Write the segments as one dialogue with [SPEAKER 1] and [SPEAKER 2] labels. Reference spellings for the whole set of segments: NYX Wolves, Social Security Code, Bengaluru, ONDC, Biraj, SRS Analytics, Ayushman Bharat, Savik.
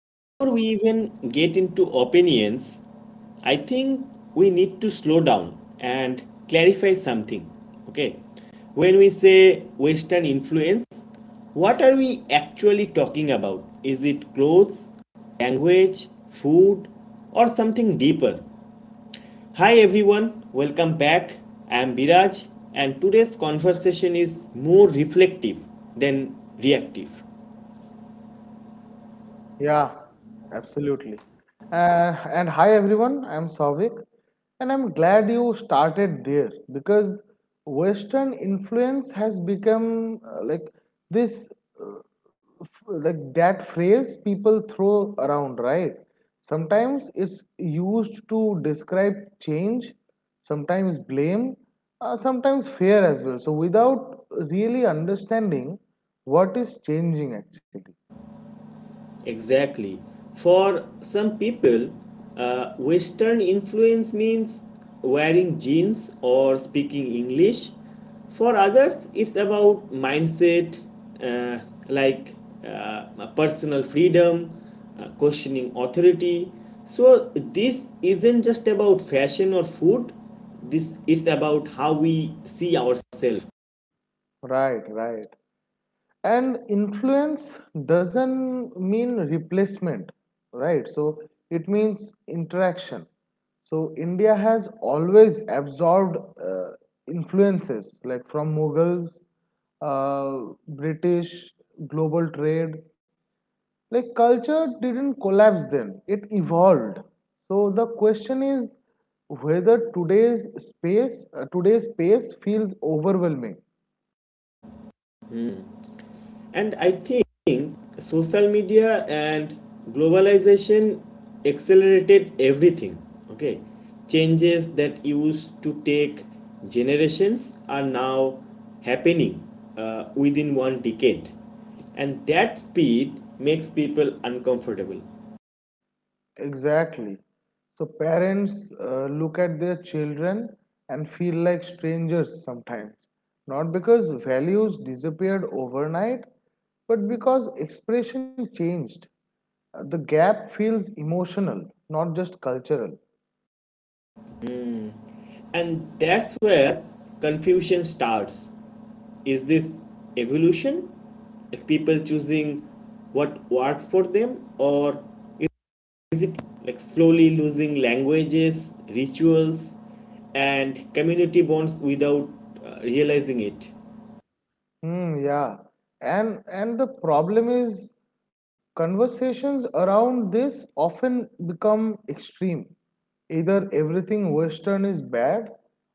[SPEAKER 1] before we even get into opinions, I think we need to slow down and clarify something. Okay. When we say Western influence, what are we actually talking about? Is it clothes, language, food, or something deeper? Hi everyone, welcome back. I am Biraj, and today's conversation is more reflective than reactive.
[SPEAKER 2] Yeah, absolutely. And hi everyone, I'm Savik, and I'm glad you started there because Western influence has become this, uh, like that phrase people throw around, right? Sometimes it's used to describe change, sometimes blame, sometimes fear as well. So without really understanding what is changing actually.
[SPEAKER 1] Exactly. For some people, Western influence means wearing jeans or speaking English. For others, it's about mindset, uh, like personal freedom, questioning authority. So this isn't just about fashion or food. This it's about how we see ourselves.
[SPEAKER 2] Right, right. And influence doesn't mean replacement, right? So it means interaction. So India has always absorbed influences like from Mughals, British, global trade. Like culture didn't collapse then, it evolved. So the question is whether today's space feels overwhelming.
[SPEAKER 1] And I think social media and globalization accelerated everything. Okay, changes that used to take generations are now happening within one decade, and that speed makes people uncomfortable.
[SPEAKER 2] Exactly. So parents look at their children and feel like strangers sometimes. Not because values disappeared overnight, but because expression changed. The gap feels emotional, not just cultural.
[SPEAKER 1] And that's where confusion starts. Is this evolution? If people choosing what works for them, or like slowly losing languages, rituals, and community bonds without realizing it.
[SPEAKER 2] Hmm, yeah. And the problem is conversations around this often become extreme. Either everything Western is bad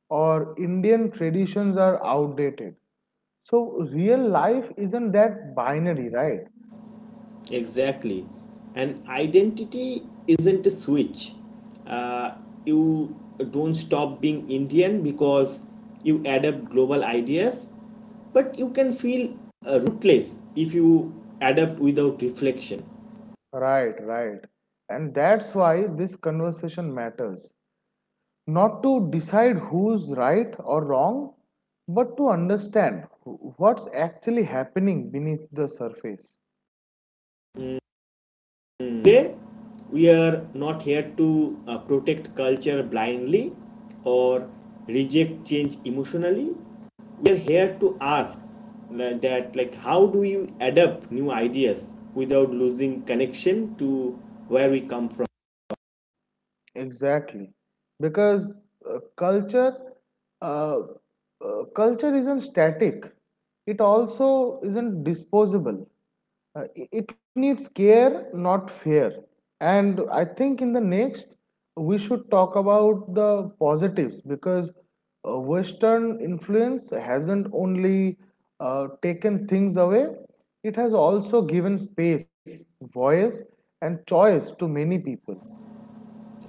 [SPEAKER 2] or Indian traditions are outdated. So real life isn't that binary, right?
[SPEAKER 1] Exactly. And identity isn't a switch. Uh, you don't stop being Indian because you adapt global ideas, but you can feel rootless if you adapt without reflection.
[SPEAKER 2] Right, right. And that's why this conversation matters. Not to decide who's right or wrong, but to understand what's actually happening beneath the surface.
[SPEAKER 1] Today, we are not here to protect culture blindly or reject change emotionally. We are here to ask like, that, like, how do you adapt new ideas without losing connection to where we come from?
[SPEAKER 2] Exactly, because uh, culture uh, culture isn't static. It also isn't disposable. It needs care, not fear. And I think in the next we should talk about the positives because Western influence hasn't only taken things away; it has also given space, voice, and choice to many people.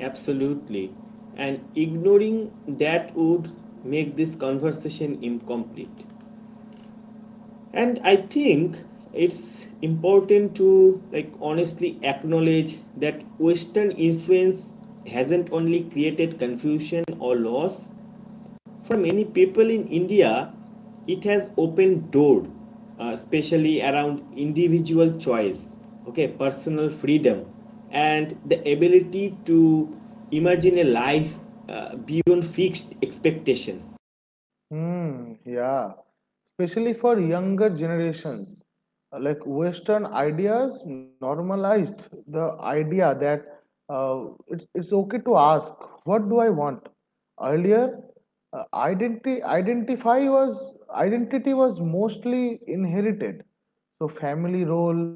[SPEAKER 1] Absolutely. And ignoring that would make this conversation incomplete. And I think it's important to like honestly acknowledge that Western influence hasn't only created confusion or loss for many people in India. It has opened door, especially around individual choice, okay, personal freedom, and the ability to imagine a life beyond fixed expectations.
[SPEAKER 2] Hmm, yeah. Especially for younger generations. Like Western ideas normalized the idea that uh, it's okay to ask, what do I want? Earlier, identity was mostly inherited. So family role,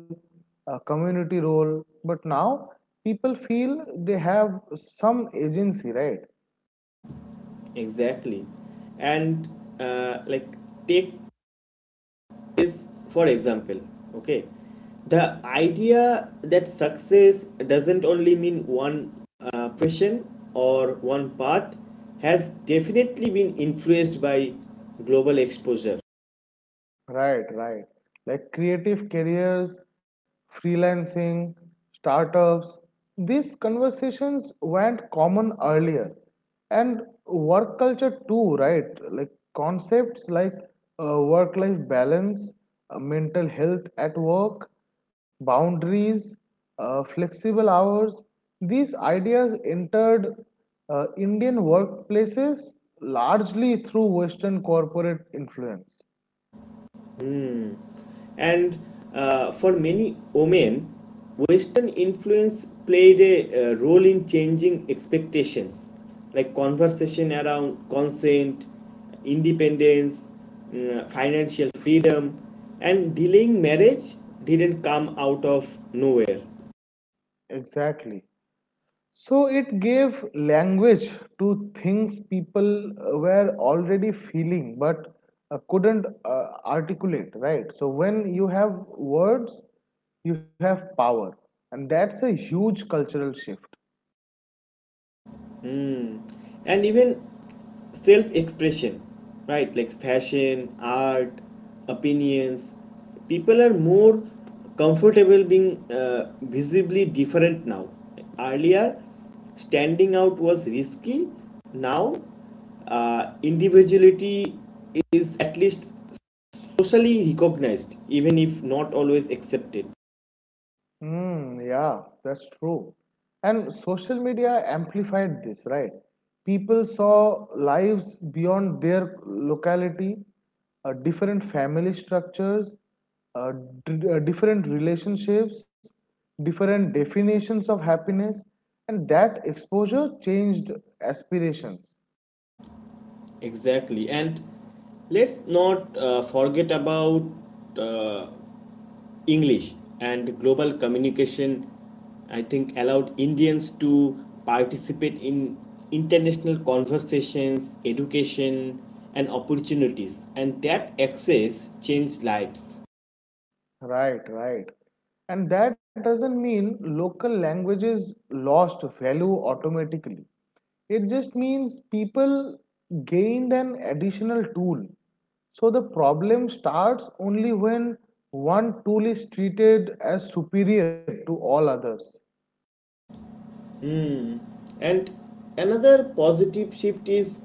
[SPEAKER 2] community role. But now people feel they have some agency, right?
[SPEAKER 1] Exactly. And like take is for example, okay, the idea that success doesn't only mean one profession or one path has definitely been influenced by global exposure.
[SPEAKER 2] Right, right. Like creative careers, freelancing, startups, these conversations weren't common earlier. And work culture too, right? Like concepts like work life balance, mental health at work, boundaries, flexible hours, these ideas entered Indian workplaces largely through Western corporate influence.
[SPEAKER 1] And for many women, Western influence played a role in changing expectations, like conversation around consent, independence, financial freedom, and delaying marriage didn't come out of nowhere.
[SPEAKER 2] Exactly. So it gave language to things people were already feeling but couldn't articulate, right? So when you have words, you have power. And that's a huge cultural shift.
[SPEAKER 1] And even self expression, right? Like fashion, art, opinions. People are more comfortable being visibly different now. Earlier, standing out was risky. Now, individuality is at least socially recognized, even if not always accepted.
[SPEAKER 2] Hmm, yeah, that's true. And social media amplified this, right? People saw lives beyond their locality, different family structures, uh, different relationships, different definitions of happiness, and that exposure changed aspirations.
[SPEAKER 1] Exactly. And let's not forget about uh, English and global communication, I think, allowed Indians to participate in international conversations, education, and opportunities, and that access changed lives.
[SPEAKER 2] Right, right. And that doesn't mean local languages lost value automatically. It just means people gained an additional tool. So the problem starts only when one tool is treated as superior to all others.
[SPEAKER 1] And another positive shift is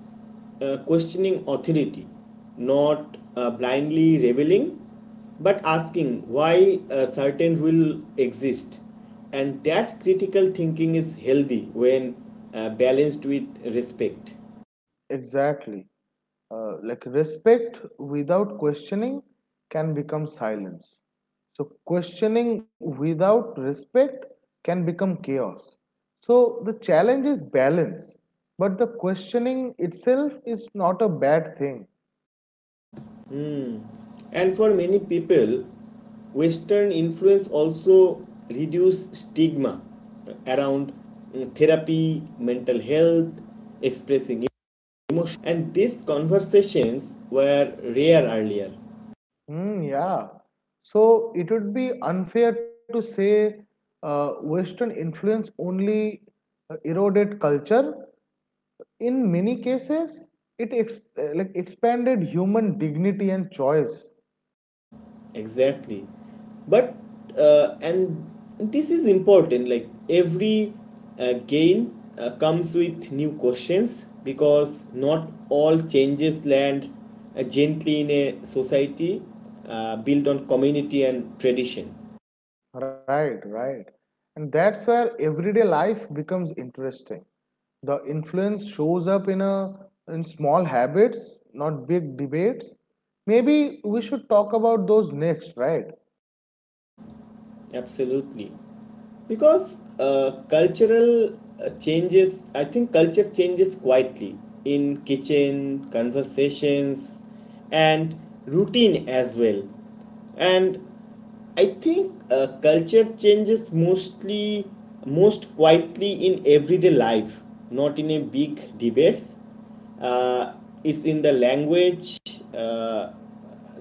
[SPEAKER 1] questioning authority, not blindly reveling, but asking why a certain rule exists. And that critical thinking is healthy when balanced with respect.
[SPEAKER 2] Exactly. Like respect without questioning can become silence. So, questioning without respect can become chaos. So, the challenge is balance, but the questioning itself is not a bad thing.
[SPEAKER 1] And for many people, Western influence also reduce stigma around therapy, mental health, expressing emotion. And these conversations were rare earlier.
[SPEAKER 2] Hmm, yeah. So, it would be unfair to say Western influence only eroded culture in many cases it like expanded human dignity and choice.
[SPEAKER 1] Exactly. But, and this is important, like every gain comes with new questions, because not all changes land gently in a society built on community and tradition.
[SPEAKER 2] Right, right. And that's where everyday life becomes interesting. The influence shows up in a in small habits, not big debates. Maybe we should talk about those next, right?
[SPEAKER 1] Absolutely. Because cultural changes I think culture changes quietly in kitchen conversations and routine as well. And I think culture changes most quietly in everyday life, not in a big debates. uh, it's in the language uh,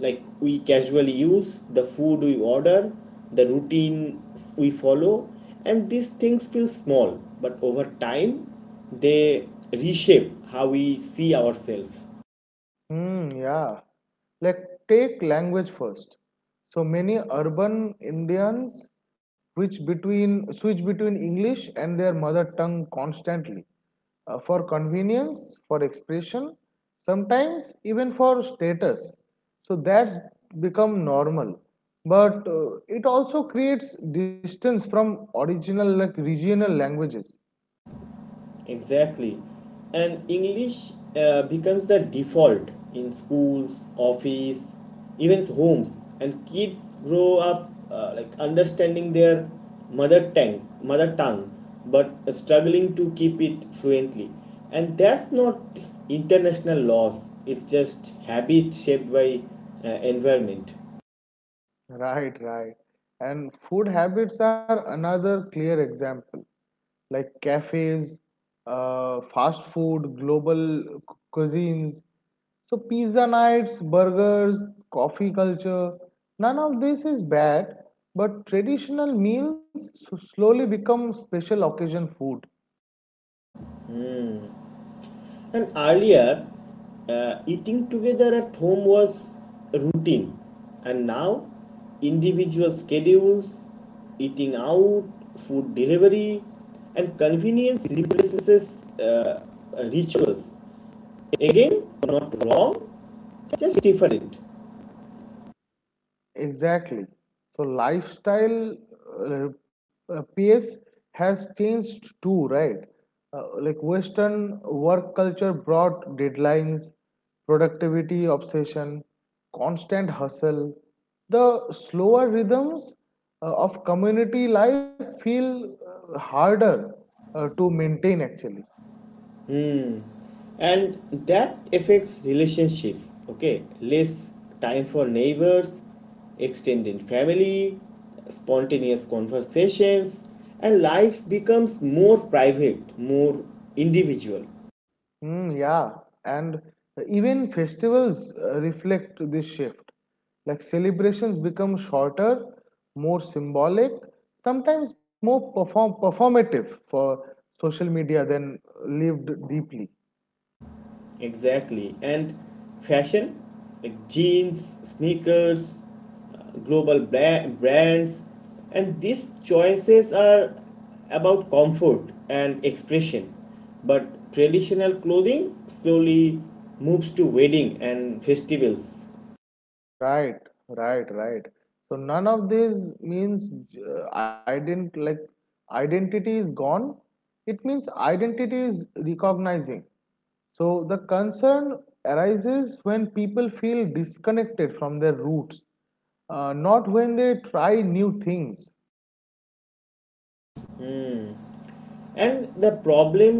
[SPEAKER 1] like we casually use, the food we order, the routine we follow. And these things feel small, but over time they reshape how we see ourselves.
[SPEAKER 2] Hmm, yeah. Like, take language first. So many urban Indians which between switch between English and their mother tongue constantly, for convenience, for expression, sometimes even for status. So that's become normal. But it also creates distance from original like regional languages.
[SPEAKER 1] Exactly. And English becomes the default in schools, office, even homes. And kids grow up like understanding their mother tongue, but struggling to keep it fluently. And that's not international loss. It's just habit shaped by environment.
[SPEAKER 2] Right, right. And food habits are another clear example. Like cafes, fast food, global cuisines. So pizza nights, burgers, coffee culture, none of this is bad, but traditional meals so slowly become special occasion food.
[SPEAKER 1] And earlier, eating together at home was routine, and now individual schedules, eating out, food delivery, and convenience replaces rituals. Again, not wrong, just different.
[SPEAKER 2] Exactly. So lifestyle uh, pace has changed too, right? Like Western work culture brought deadlines, productivity obsession, constant hustle. The slower rhythms of community life feel harder to maintain actually.
[SPEAKER 1] And that affects relationships, okay, less time for neighbors, extended family, spontaneous conversations. And life becomes more private, more individual.
[SPEAKER 2] Mm, yeah, and even festivals reflect this shift. Like celebrations become shorter, more symbolic, sometimes more performative for social media than lived deeply.
[SPEAKER 1] Exactly. And fashion, like jeans, sneakers, brands, and these choices are about comfort and expression. But traditional clothing slowly moves to wedding and festivals.
[SPEAKER 2] Right, right, right. So none of this means ident like identity is gone. It means identity is recognizing. So the concern arises when people feel disconnected from their roots, not when they try new things.
[SPEAKER 1] And the problem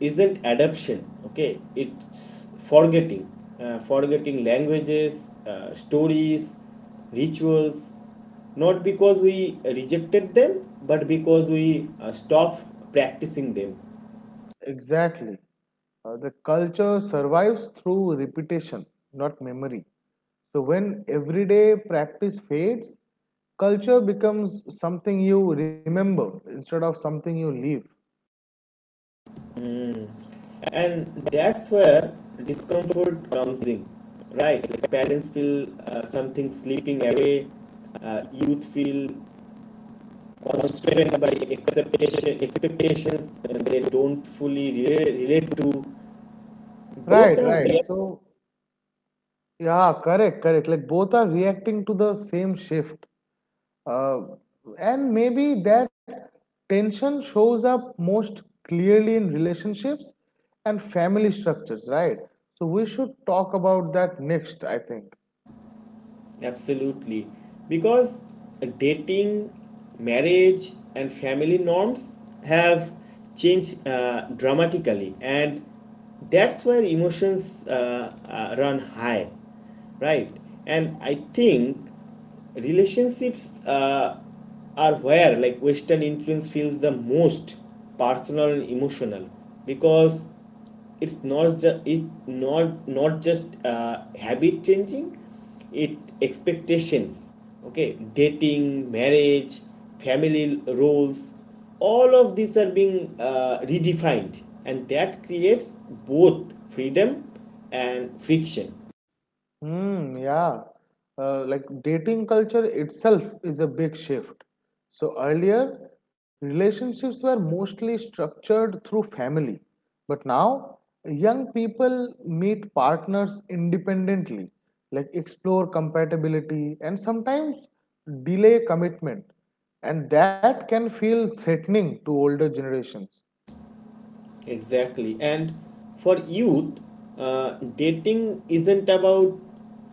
[SPEAKER 1] isn't adaption, okay, it's forgetting, forgetting languages, stories, rituals, not because we rejected them, but because we stopped practicing them.
[SPEAKER 2] Exactly. The culture survives through repetition, not memory. So when everyday practice fades, culture becomes something you remember instead of something you leave.
[SPEAKER 1] Mm. And that's where discomfort comes in, right? Like parents feel something slipping away, youth feel constrained by expectations, and they don't fully relate to
[SPEAKER 2] Right,
[SPEAKER 1] both are.
[SPEAKER 2] right. So yeah, correct, correct. Like both are reacting to the same shift. Uh, and maybe that tension shows up most clearly in relationships and family structures, right? So we should talk about that next, I think.
[SPEAKER 1] Absolutely. Because dating, marriage, and family norms have changed dramatically, and that's where emotions run high, right? And I think relationships are where like Western influence feels the most personal and emotional, because it's not just habit changing, it expectations, okay, dating, marriage, family roles, all of these are being redefined, and that creates both freedom and friction.
[SPEAKER 2] Hmm, yeah. Like dating culture itself is a big shift. So earlier, relationships were mostly structured through family. But now, young people meet partners independently, like explore compatibility and sometimes delay commitment. And that can feel threatening to older generations.
[SPEAKER 1] Exactly. And for youth, dating isn't about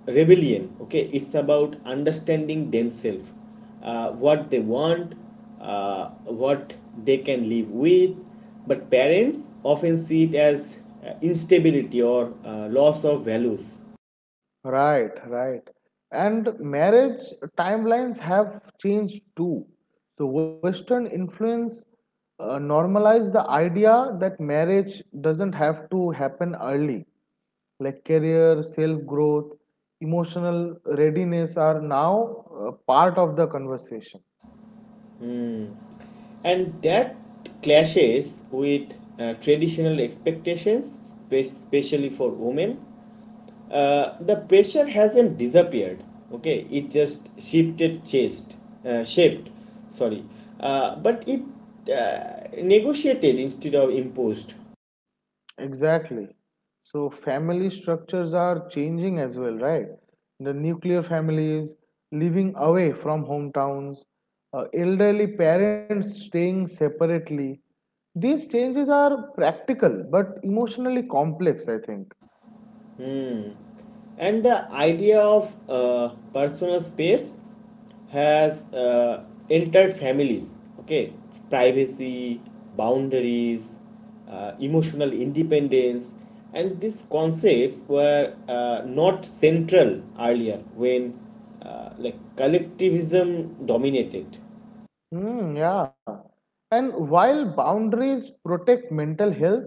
[SPEAKER 1] rebellion, okay? It's about understanding themselves, what they want, what they can live with. But parents often see it as instability or loss of values.
[SPEAKER 2] Right, right. And marriage timelines have changed too. So, Western influence normalized the idea that marriage doesn't have to happen early. Like career, self growth, emotional readiness are now part of the conversation.
[SPEAKER 1] And that clashes with traditional expectations, especially for women. The pressure hasn't disappeared, okay, it just shifted chest, shaped, sorry, but it negotiated instead of imposed.
[SPEAKER 2] Exactly. So family structures are changing as well, right? The nuclear families living away from hometowns, elderly parents staying separately. These changes are practical but emotionally complex, I think.
[SPEAKER 1] And the idea of personal space has entered families, okay? Privacy, boundaries, emotional independence, and these concepts were not central earlier when like collectivism dominated.
[SPEAKER 2] Hmm, yeah. And while boundaries protect mental health,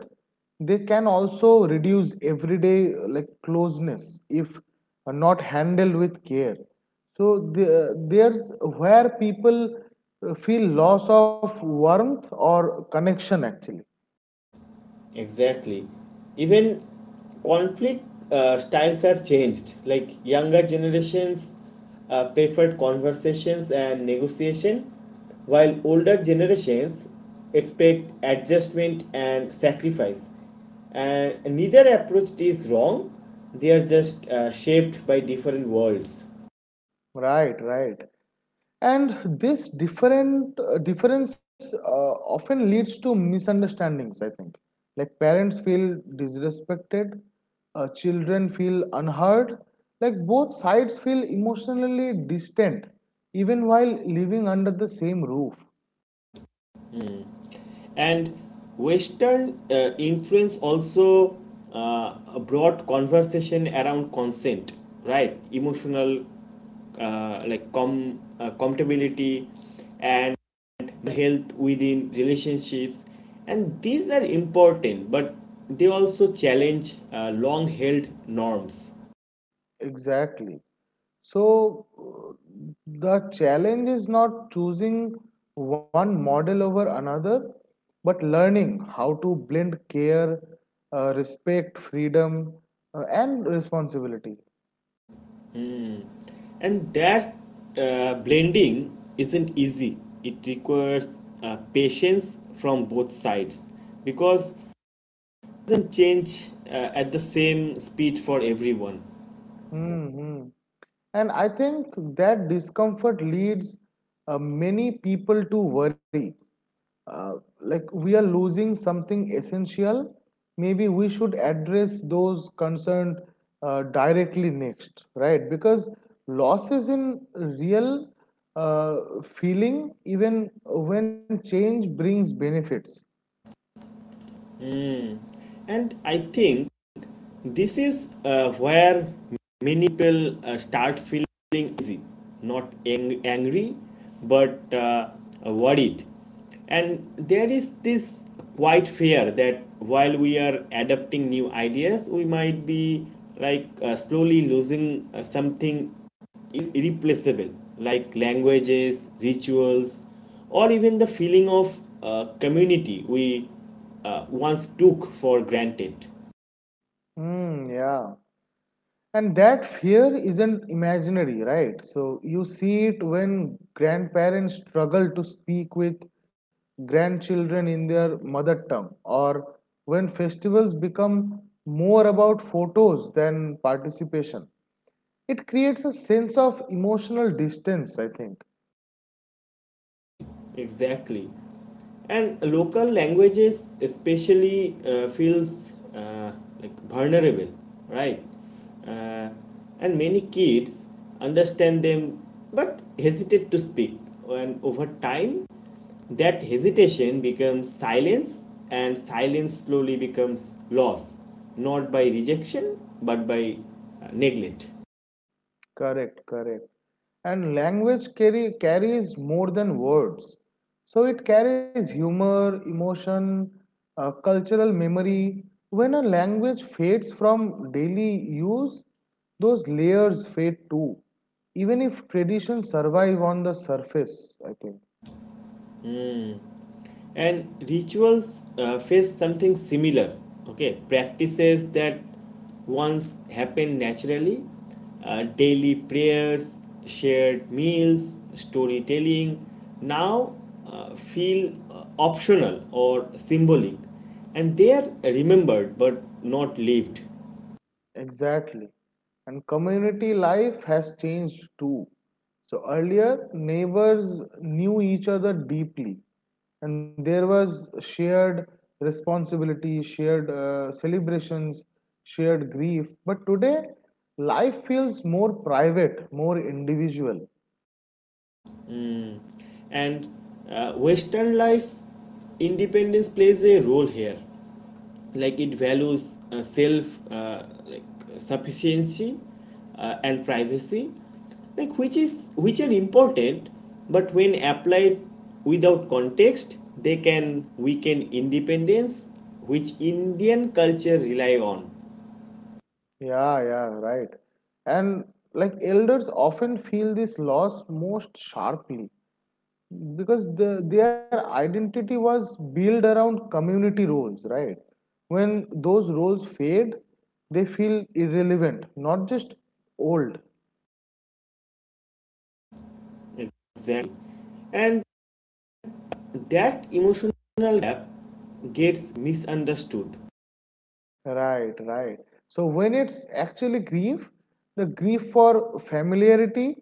[SPEAKER 2] they can also reduce everyday like closeness if not handled with care. So there's where people feel loss of warmth or connection actually.
[SPEAKER 1] Exactly. Even conflict styles have changed. Like younger generations preferred conversations and negotiation, while older generations expect adjustment and sacrifice. And neither approach is wrong, they are just shaped by different worlds.
[SPEAKER 2] Right, right. And this different difference often leads to misunderstandings, I think. Like parents feel disrespected, children feel unheard, like both sides feel emotionally distant, even while living under the same roof.
[SPEAKER 1] And Western influence also brought conversation around consent, right? Emotional, compatibility, and health within relationships, and these are important, but they also challenge long-held norms,
[SPEAKER 2] Exactly. So the challenge is not choosing one model over another, but learning how to blend care, respect, freedom, and responsibility.
[SPEAKER 1] and that blending isn't easy. It requires patience from both sides, because doesn't change at the same speed for everyone.
[SPEAKER 2] hmm And I think that discomfort leads many people to worry. Uh, like we are losing something essential, maybe we should address those concerned directly next, right? Because losses in real uh, feeling, even when change brings benefits.
[SPEAKER 1] Mm. And I think this is where many people start feeling easy, not angry, but worried. And there is this quite fear that while we are adopting new ideas, we might be like slowly losing something irreplaceable, like languages, rituals, or even the feeling of community we once took for granted.
[SPEAKER 2] Hmm, yeah. And that fear isn't imaginary, right? So you see it when grandparents struggle to speak with grandchildren in their mother tongue, or when festivals become more about photos than participation. It creates a sense of emotional distance, I think.
[SPEAKER 1] Exactly. And local languages especially feels like vulnerable, right? uh, and many kids understand them, but hesitate to speak. And over time that hesitation becomes silence, and silence slowly becomes loss, not by rejection, but by neglect.
[SPEAKER 2] Correct, correct. And carries more than words. So it carries humor, emotion, cultural memory. When a language fades from daily use, those layers fade too, even if traditions survive on the surface, I think.
[SPEAKER 1] And rituals face something similar. Okay, practices that once happened naturally, daily prayers, shared meals, storytelling, now feel optional or symbolic. And they are remembered but not lived.
[SPEAKER 2] Exactly. And community life has changed too. So earlier, neighbors knew each other deeply, and there was shared responsibility, shared celebrations, shared grief. But today, life feels more private, more individual.
[SPEAKER 1] And Western life independence plays a role here, like it values self like sufficiency and privacy, like which is which are important, but when applied without context they can weaken independence which Indian culture rely on.
[SPEAKER 2] Yeah, yeah, right. And like elders often feel this loss most sharply, because their identity was built around community roles, right? When those roles fade, they feel irrelevant, not just old.
[SPEAKER 1] Exactly. And that emotional gap gets misunderstood.
[SPEAKER 2] Right, right. So when it's actually grief, the grief for familiarity,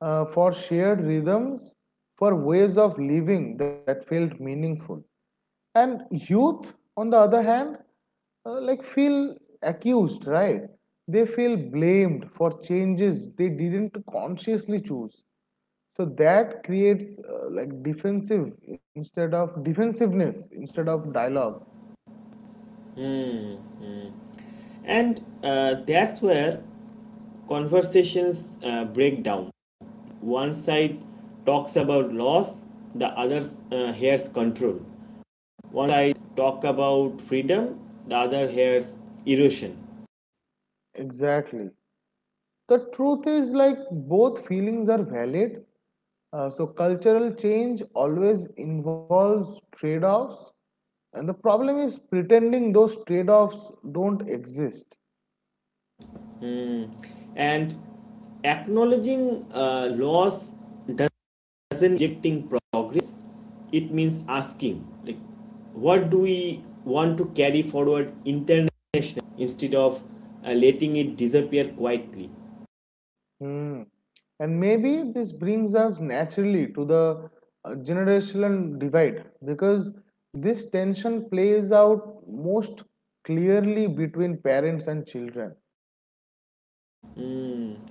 [SPEAKER 2] for shared rhythms, for ways of living that felt meaningful. And youth, on the other hand, like feel accused, right? They feel blamed for changes they didn't consciously choose. So that creates defensiveness instead of dialogue.
[SPEAKER 1] And that's where conversations break down. One side talks about loss, the other hears control. One side talk about freedom, the other hears erosion.
[SPEAKER 2] Exactly. The truth is like both feelings are valid. So cultural change always involves trade-offs, and the problem is pretending those trade-offs don't exist.
[SPEAKER 1] Hmm. And acknowledging laws doesn't rejecting progress. It means asking, like, what do we want to carry forward internationally instead of letting it disappear quietly.
[SPEAKER 2] Hmm. And maybe this brings us naturally to the generational divide, because this tension plays out most clearly between parents and children.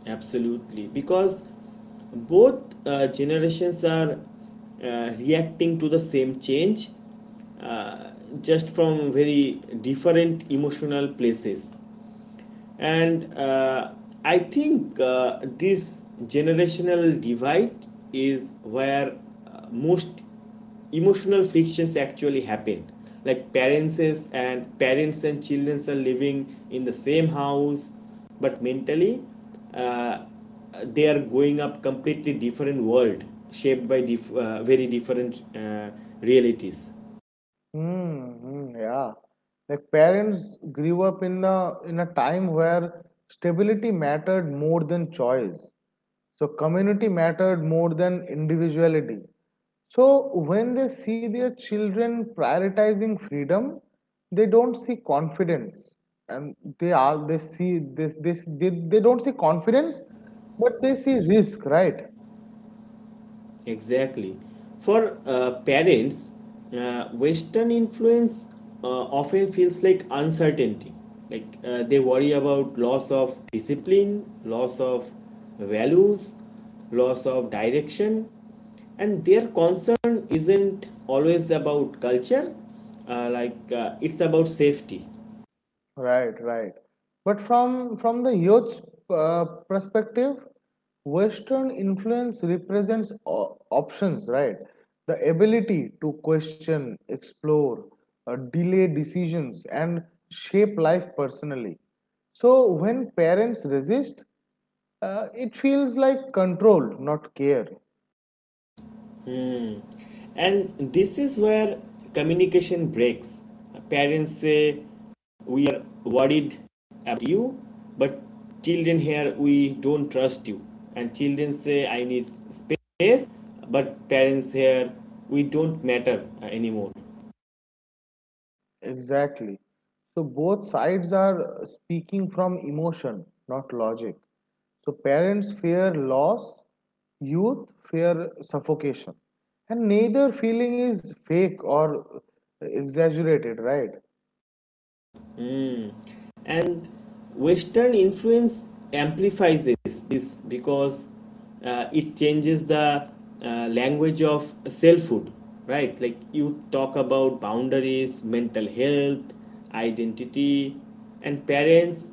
[SPEAKER 1] Absolutely. Because both generations are reacting to the same change, uh, just from very different emotional places. And I think this generational divide is where most emotional frictions actually happen. Like parents and children are living in the same house, but mentally, uh, they are going up completely different world, shaped by very different realities.
[SPEAKER 2] Mm, mm, yeah. Like parents grew up in a time where stability mattered more than choice. So community mattered more than individuality. So when they see their children prioritizing freedom, they don't see confidence. And they are they see this this They don't see confidence, but they see risk, right?
[SPEAKER 1] Exactly. For parents, Western influence often feels like uncertainty. Like they worry about loss of discipline, loss of values, loss of direction, and their concern isn't always about culture. It's about safety.
[SPEAKER 2] Right, right. But from the youth's perspective, Western influence represents options, right? The ability to question, explore, delay decisions, and shape life personally. So when parents resist, it feels like control, not care.
[SPEAKER 1] Hmm. And this is where communication breaks. Parents say, "We are worried about you," but children hear, "We don't trust you." And children say, "I need space," but parents hear, "We don't matter anymore."
[SPEAKER 2] Exactly. So both sides are speaking from emotion, not logic. So parents fear loss, youth fear suffocation. And neither feeling is fake or exaggerated, right?
[SPEAKER 1] Mm. And Western influence amplifies this because it changes the language of selfhood, right? Like you talk about boundaries, mental health, identity, and parents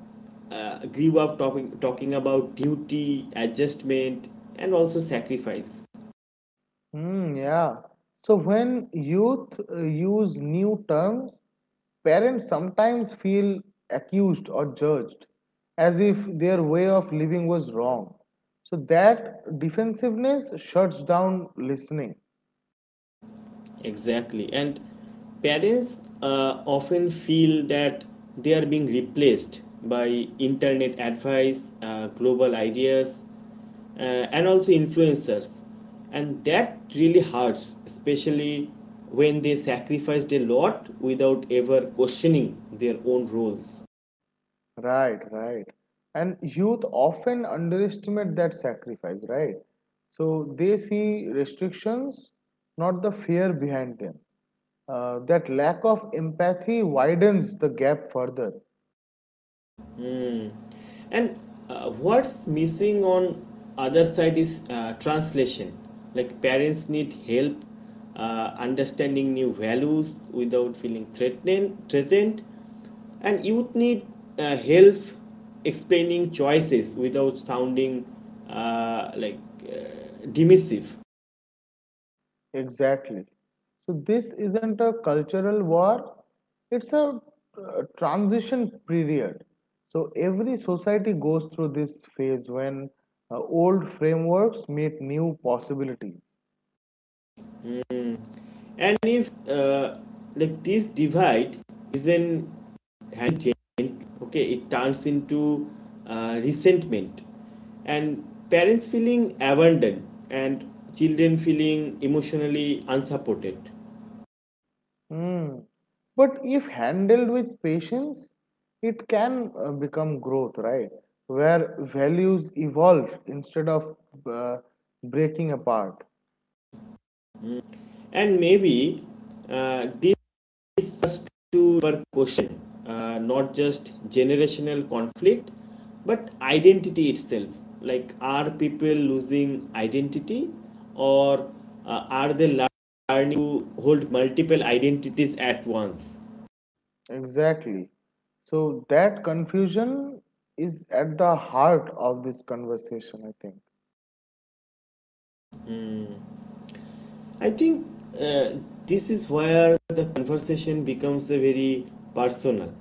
[SPEAKER 1] grew up talking about duty, adjustment, and also sacrifice.
[SPEAKER 2] Hmm, yeah. So when youth use new terms, parents sometimes feel accused or judged as if their way of living was wrong. So that defensiveness shuts down listening.
[SPEAKER 1] Exactly. And parents often feel that they are being replaced by internet advice, global ideas, uh, and also influencers. And that really hurts, especially when they sacrificed a lot without ever questioning their own roles.
[SPEAKER 2] Right, right. And youth often underestimate that sacrifice, right? So they see restrictions, not the fear behind them. That lack of empathy widens the gap further.
[SPEAKER 1] And what's missing on other side is translation. Like parents need help understanding new values without feeling threatened, and youth need help explaining choices without sounding uh, like dismissive.
[SPEAKER 2] Exactly. So this isn't a cultural war, it's a transition period. So every society goes through this phase when old frameworks meet new possibilities.
[SPEAKER 1] Mm. And if like this divide isn't changed, okay, it turns into resentment, and parents feeling abandoned, and children feeling emotionally unsupported.
[SPEAKER 2] Hmm. But if handled with patience, it can become growth, right? Where values evolve instead of uh, breaking apart.
[SPEAKER 1] Mm. And maybe uh, this is to our question, not just generational conflict but identity itself. Like, are people losing identity, or are they learning to hold multiple identities at once?
[SPEAKER 2] Exactly. So that confusion is at the heart of this conversation, I think.
[SPEAKER 1] I think uh, this is where the conversation becomes a very personal.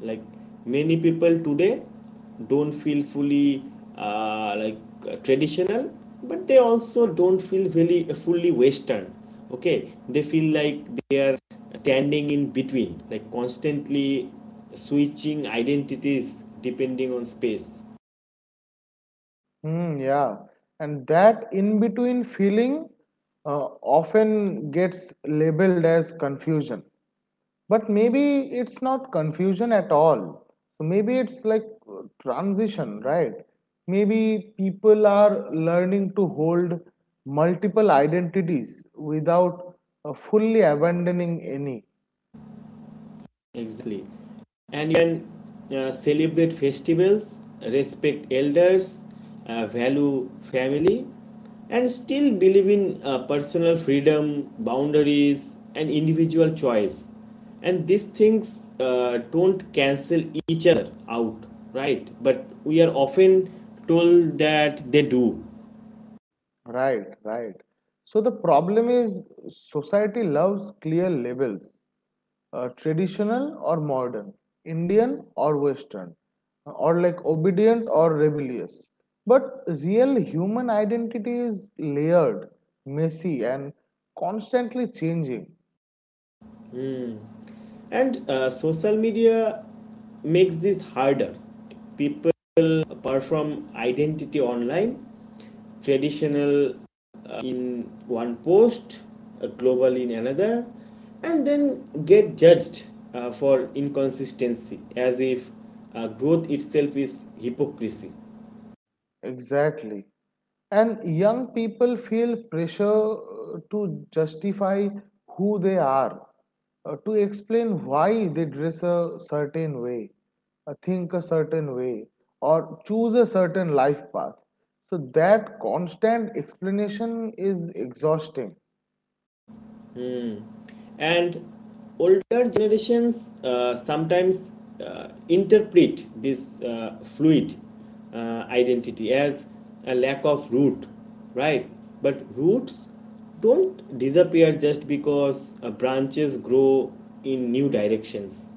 [SPEAKER 1] Like, many people today don't feel fully uh, like traditional, but they also don't feel really fully Western. Okay, they feel like they are standing in between, like constantly switching identities depending on space.
[SPEAKER 2] Hmm, yeah. And that in between feeling uh, often gets labeled as confusion. But maybe it's not confusion at all. So maybe it's like transition, right? Maybe people are learning to hold multiple identities without fully abandoning any.
[SPEAKER 1] Exactly. And you can celebrate festivals, respect elders, value family, and still believe in personal freedom, boundaries, and individual choice. And these things don't cancel each other out, right? But we are often told that they do.
[SPEAKER 2] Right, right. So the problem is society loves clear labels, traditional or modern, Indian or Western, or like obedient or rebellious. But real human identity is layered, messy, and constantly changing.
[SPEAKER 1] And social media makes this harder. People perform identity online, traditional in one post, global in another, and then get judged for inconsistency, as if growth itself is hypocrisy.
[SPEAKER 2] Exactly. And young people feel pressure to justify who they are, to explain why they dress a certain way, think a certain way, or choose a certain life path. So that constant explanation is exhausting.
[SPEAKER 1] And older generations sometimes interpret this fluid identity as a lack of root, right? But roots don't disappear just because branches grow in new directions.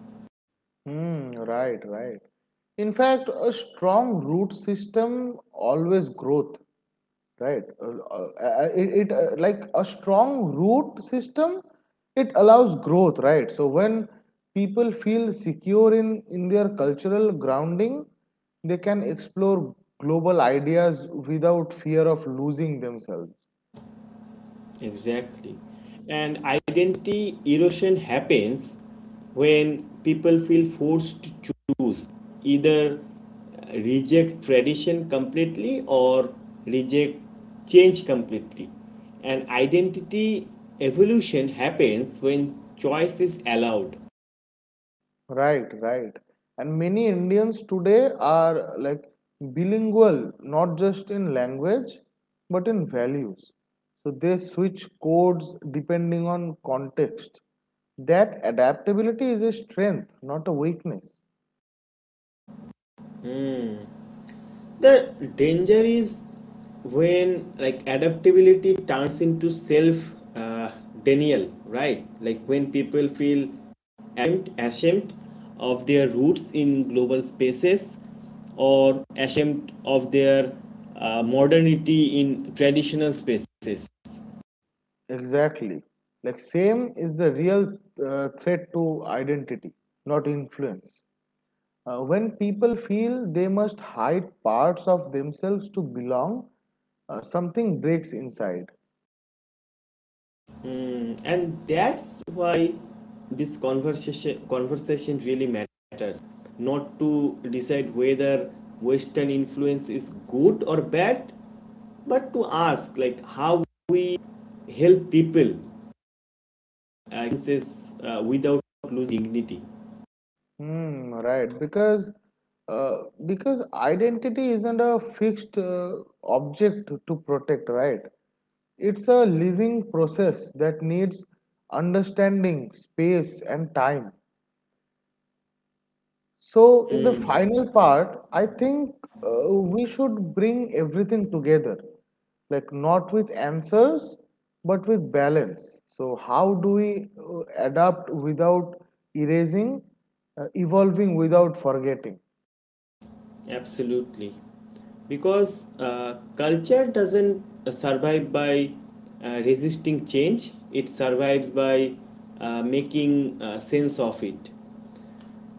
[SPEAKER 2] Hmm, right, right. In fact, a strong root system always growth. Right it, it Like a strong root system, it allows growth, right? So when people feel secure in their cultural grounding, they can explore global ideas without fear of losing themselves.
[SPEAKER 1] Exactly. And identity erosion happens when people feel forced to choose: either reject tradition completely, or reject change completely. And identity evolution happens when choice is allowed.
[SPEAKER 2] Right, right. And many Indians today are like bilingual, not just in language, but in values. So they switch codes depending on context. That adaptability is a strength, not a weakness.
[SPEAKER 1] The danger is when, like, adaptability turns into self uh, denial, right? Like, when people feel ashamed of their roots in global spaces, or ashamed of their modernity in traditional spaces.
[SPEAKER 2] Exactly. Like, same is the real threat to identity, not influence. When people feel they must hide parts of themselves to belong, something breaks inside.
[SPEAKER 1] Mm, and that's why this conversation really matters. Not to decide whether Western influence is good or bad, but to ask, like, how we help people uh, without losing dignity.
[SPEAKER 2] Hmm, right. Uh, because identity isn't a fixed object to protect, right? It's a living process that needs understanding, space, and time. So, in the final part, I think we should bring everything together, like not with answers, but with balance. So, how do we adapt without erasing, evolving without forgetting?
[SPEAKER 1] Absolutely, because culture doesn't survive by resisting change. It survives by making sense of it.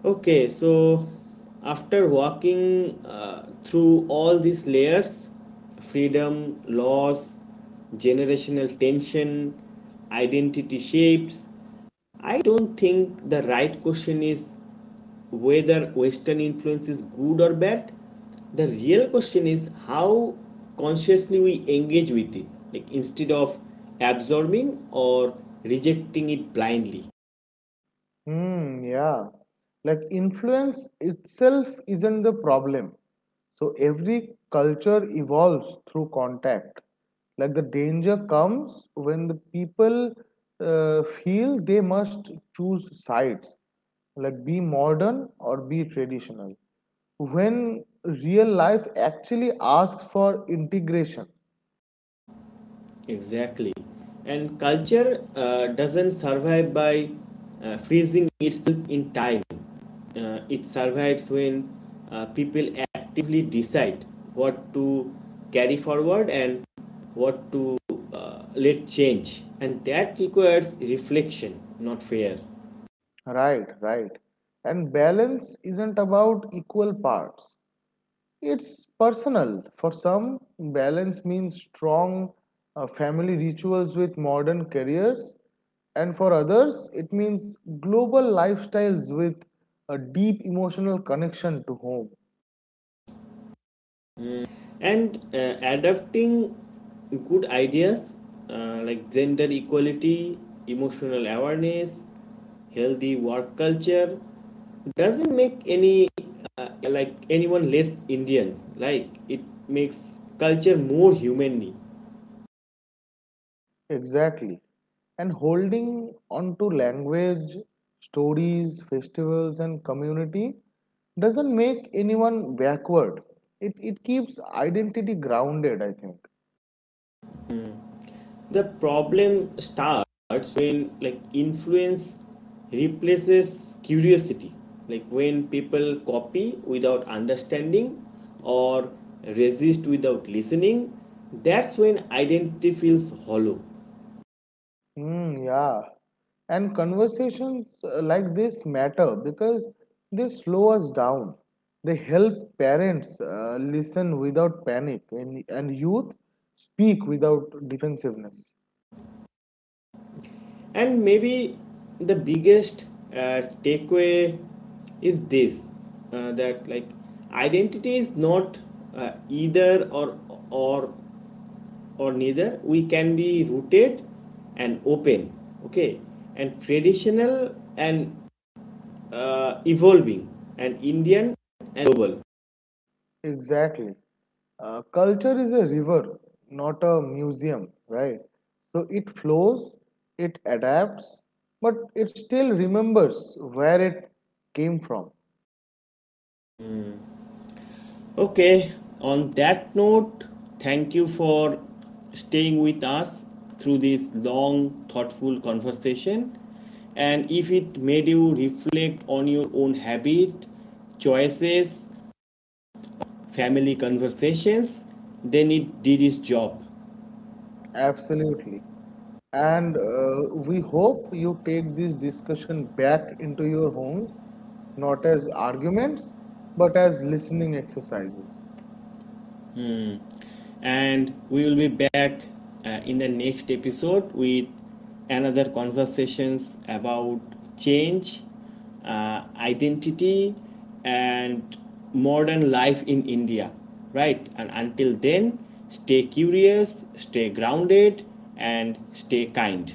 [SPEAKER 1] Okay, so after walking through all these layers — freedom, loss, generational tension, identity shifts — I don't think the right question is whether Western influence is good or bad. The real question is how consciously we engage with it, like, instead of absorbing or rejecting it blindly.
[SPEAKER 2] Hmm, yeah. Like influence itself isn't the problem. So every culture evolves through contact. Like the danger comes when the people feel they must choose sides, like be modern or be traditional. When real life actually asks for integration,
[SPEAKER 1] Exactly. And culture doesn't survive by freezing itself in time. It survives when people actively decide what to carry forward and what to let change. And that requires reflection, not fear.
[SPEAKER 2] right, right. And balance isn't about equal parts, it's personal. For some, balance means strong family rituals with modern careers, and for others, it means global lifestyles with a deep emotional connection to home.
[SPEAKER 1] And adapting good ideas, like gender equality, emotional awareness, healthy work culture, doesn't make any, like, anyone less indians. Like, it makes culture more humanly.
[SPEAKER 2] Exactly. And holding on to language, stories, festivals, and community doesn't make anyone backward. It keeps identity grounded, I think.
[SPEAKER 1] The problem starts when, like, influence replaces curiosity. Like, when people copy without understanding, or resist without listening, that's when identity feels hollow.
[SPEAKER 2] Mm, yeah. And conversations like this matter because they slow us down. They help parents listen without panic and youth speak without defensiveness.
[SPEAKER 1] And maybe the biggest takeaway is this, that, like, identity is not either or, or or neither. We can be rooted and open, okay, and traditional and evolving, and indian and global.
[SPEAKER 2] Exactly. Culture is a river, not a museum, right? So it flows, it adapts, but it still remembers where it came from.
[SPEAKER 1] Okay, on that note, thank you for staying with us through this long, thoughtful conversation. And if it made you reflect on your own habit, choices, family conversations, then it did its job.
[SPEAKER 2] Absolutely. And we hope you take this discussion back into your homes, not as arguments, but as listening exercises.
[SPEAKER 1] Mm. And we will be back in the next episode with another conversations about change, identity, and modern life in india. Right, and until then, stay curious, stay grounded, and stay kind.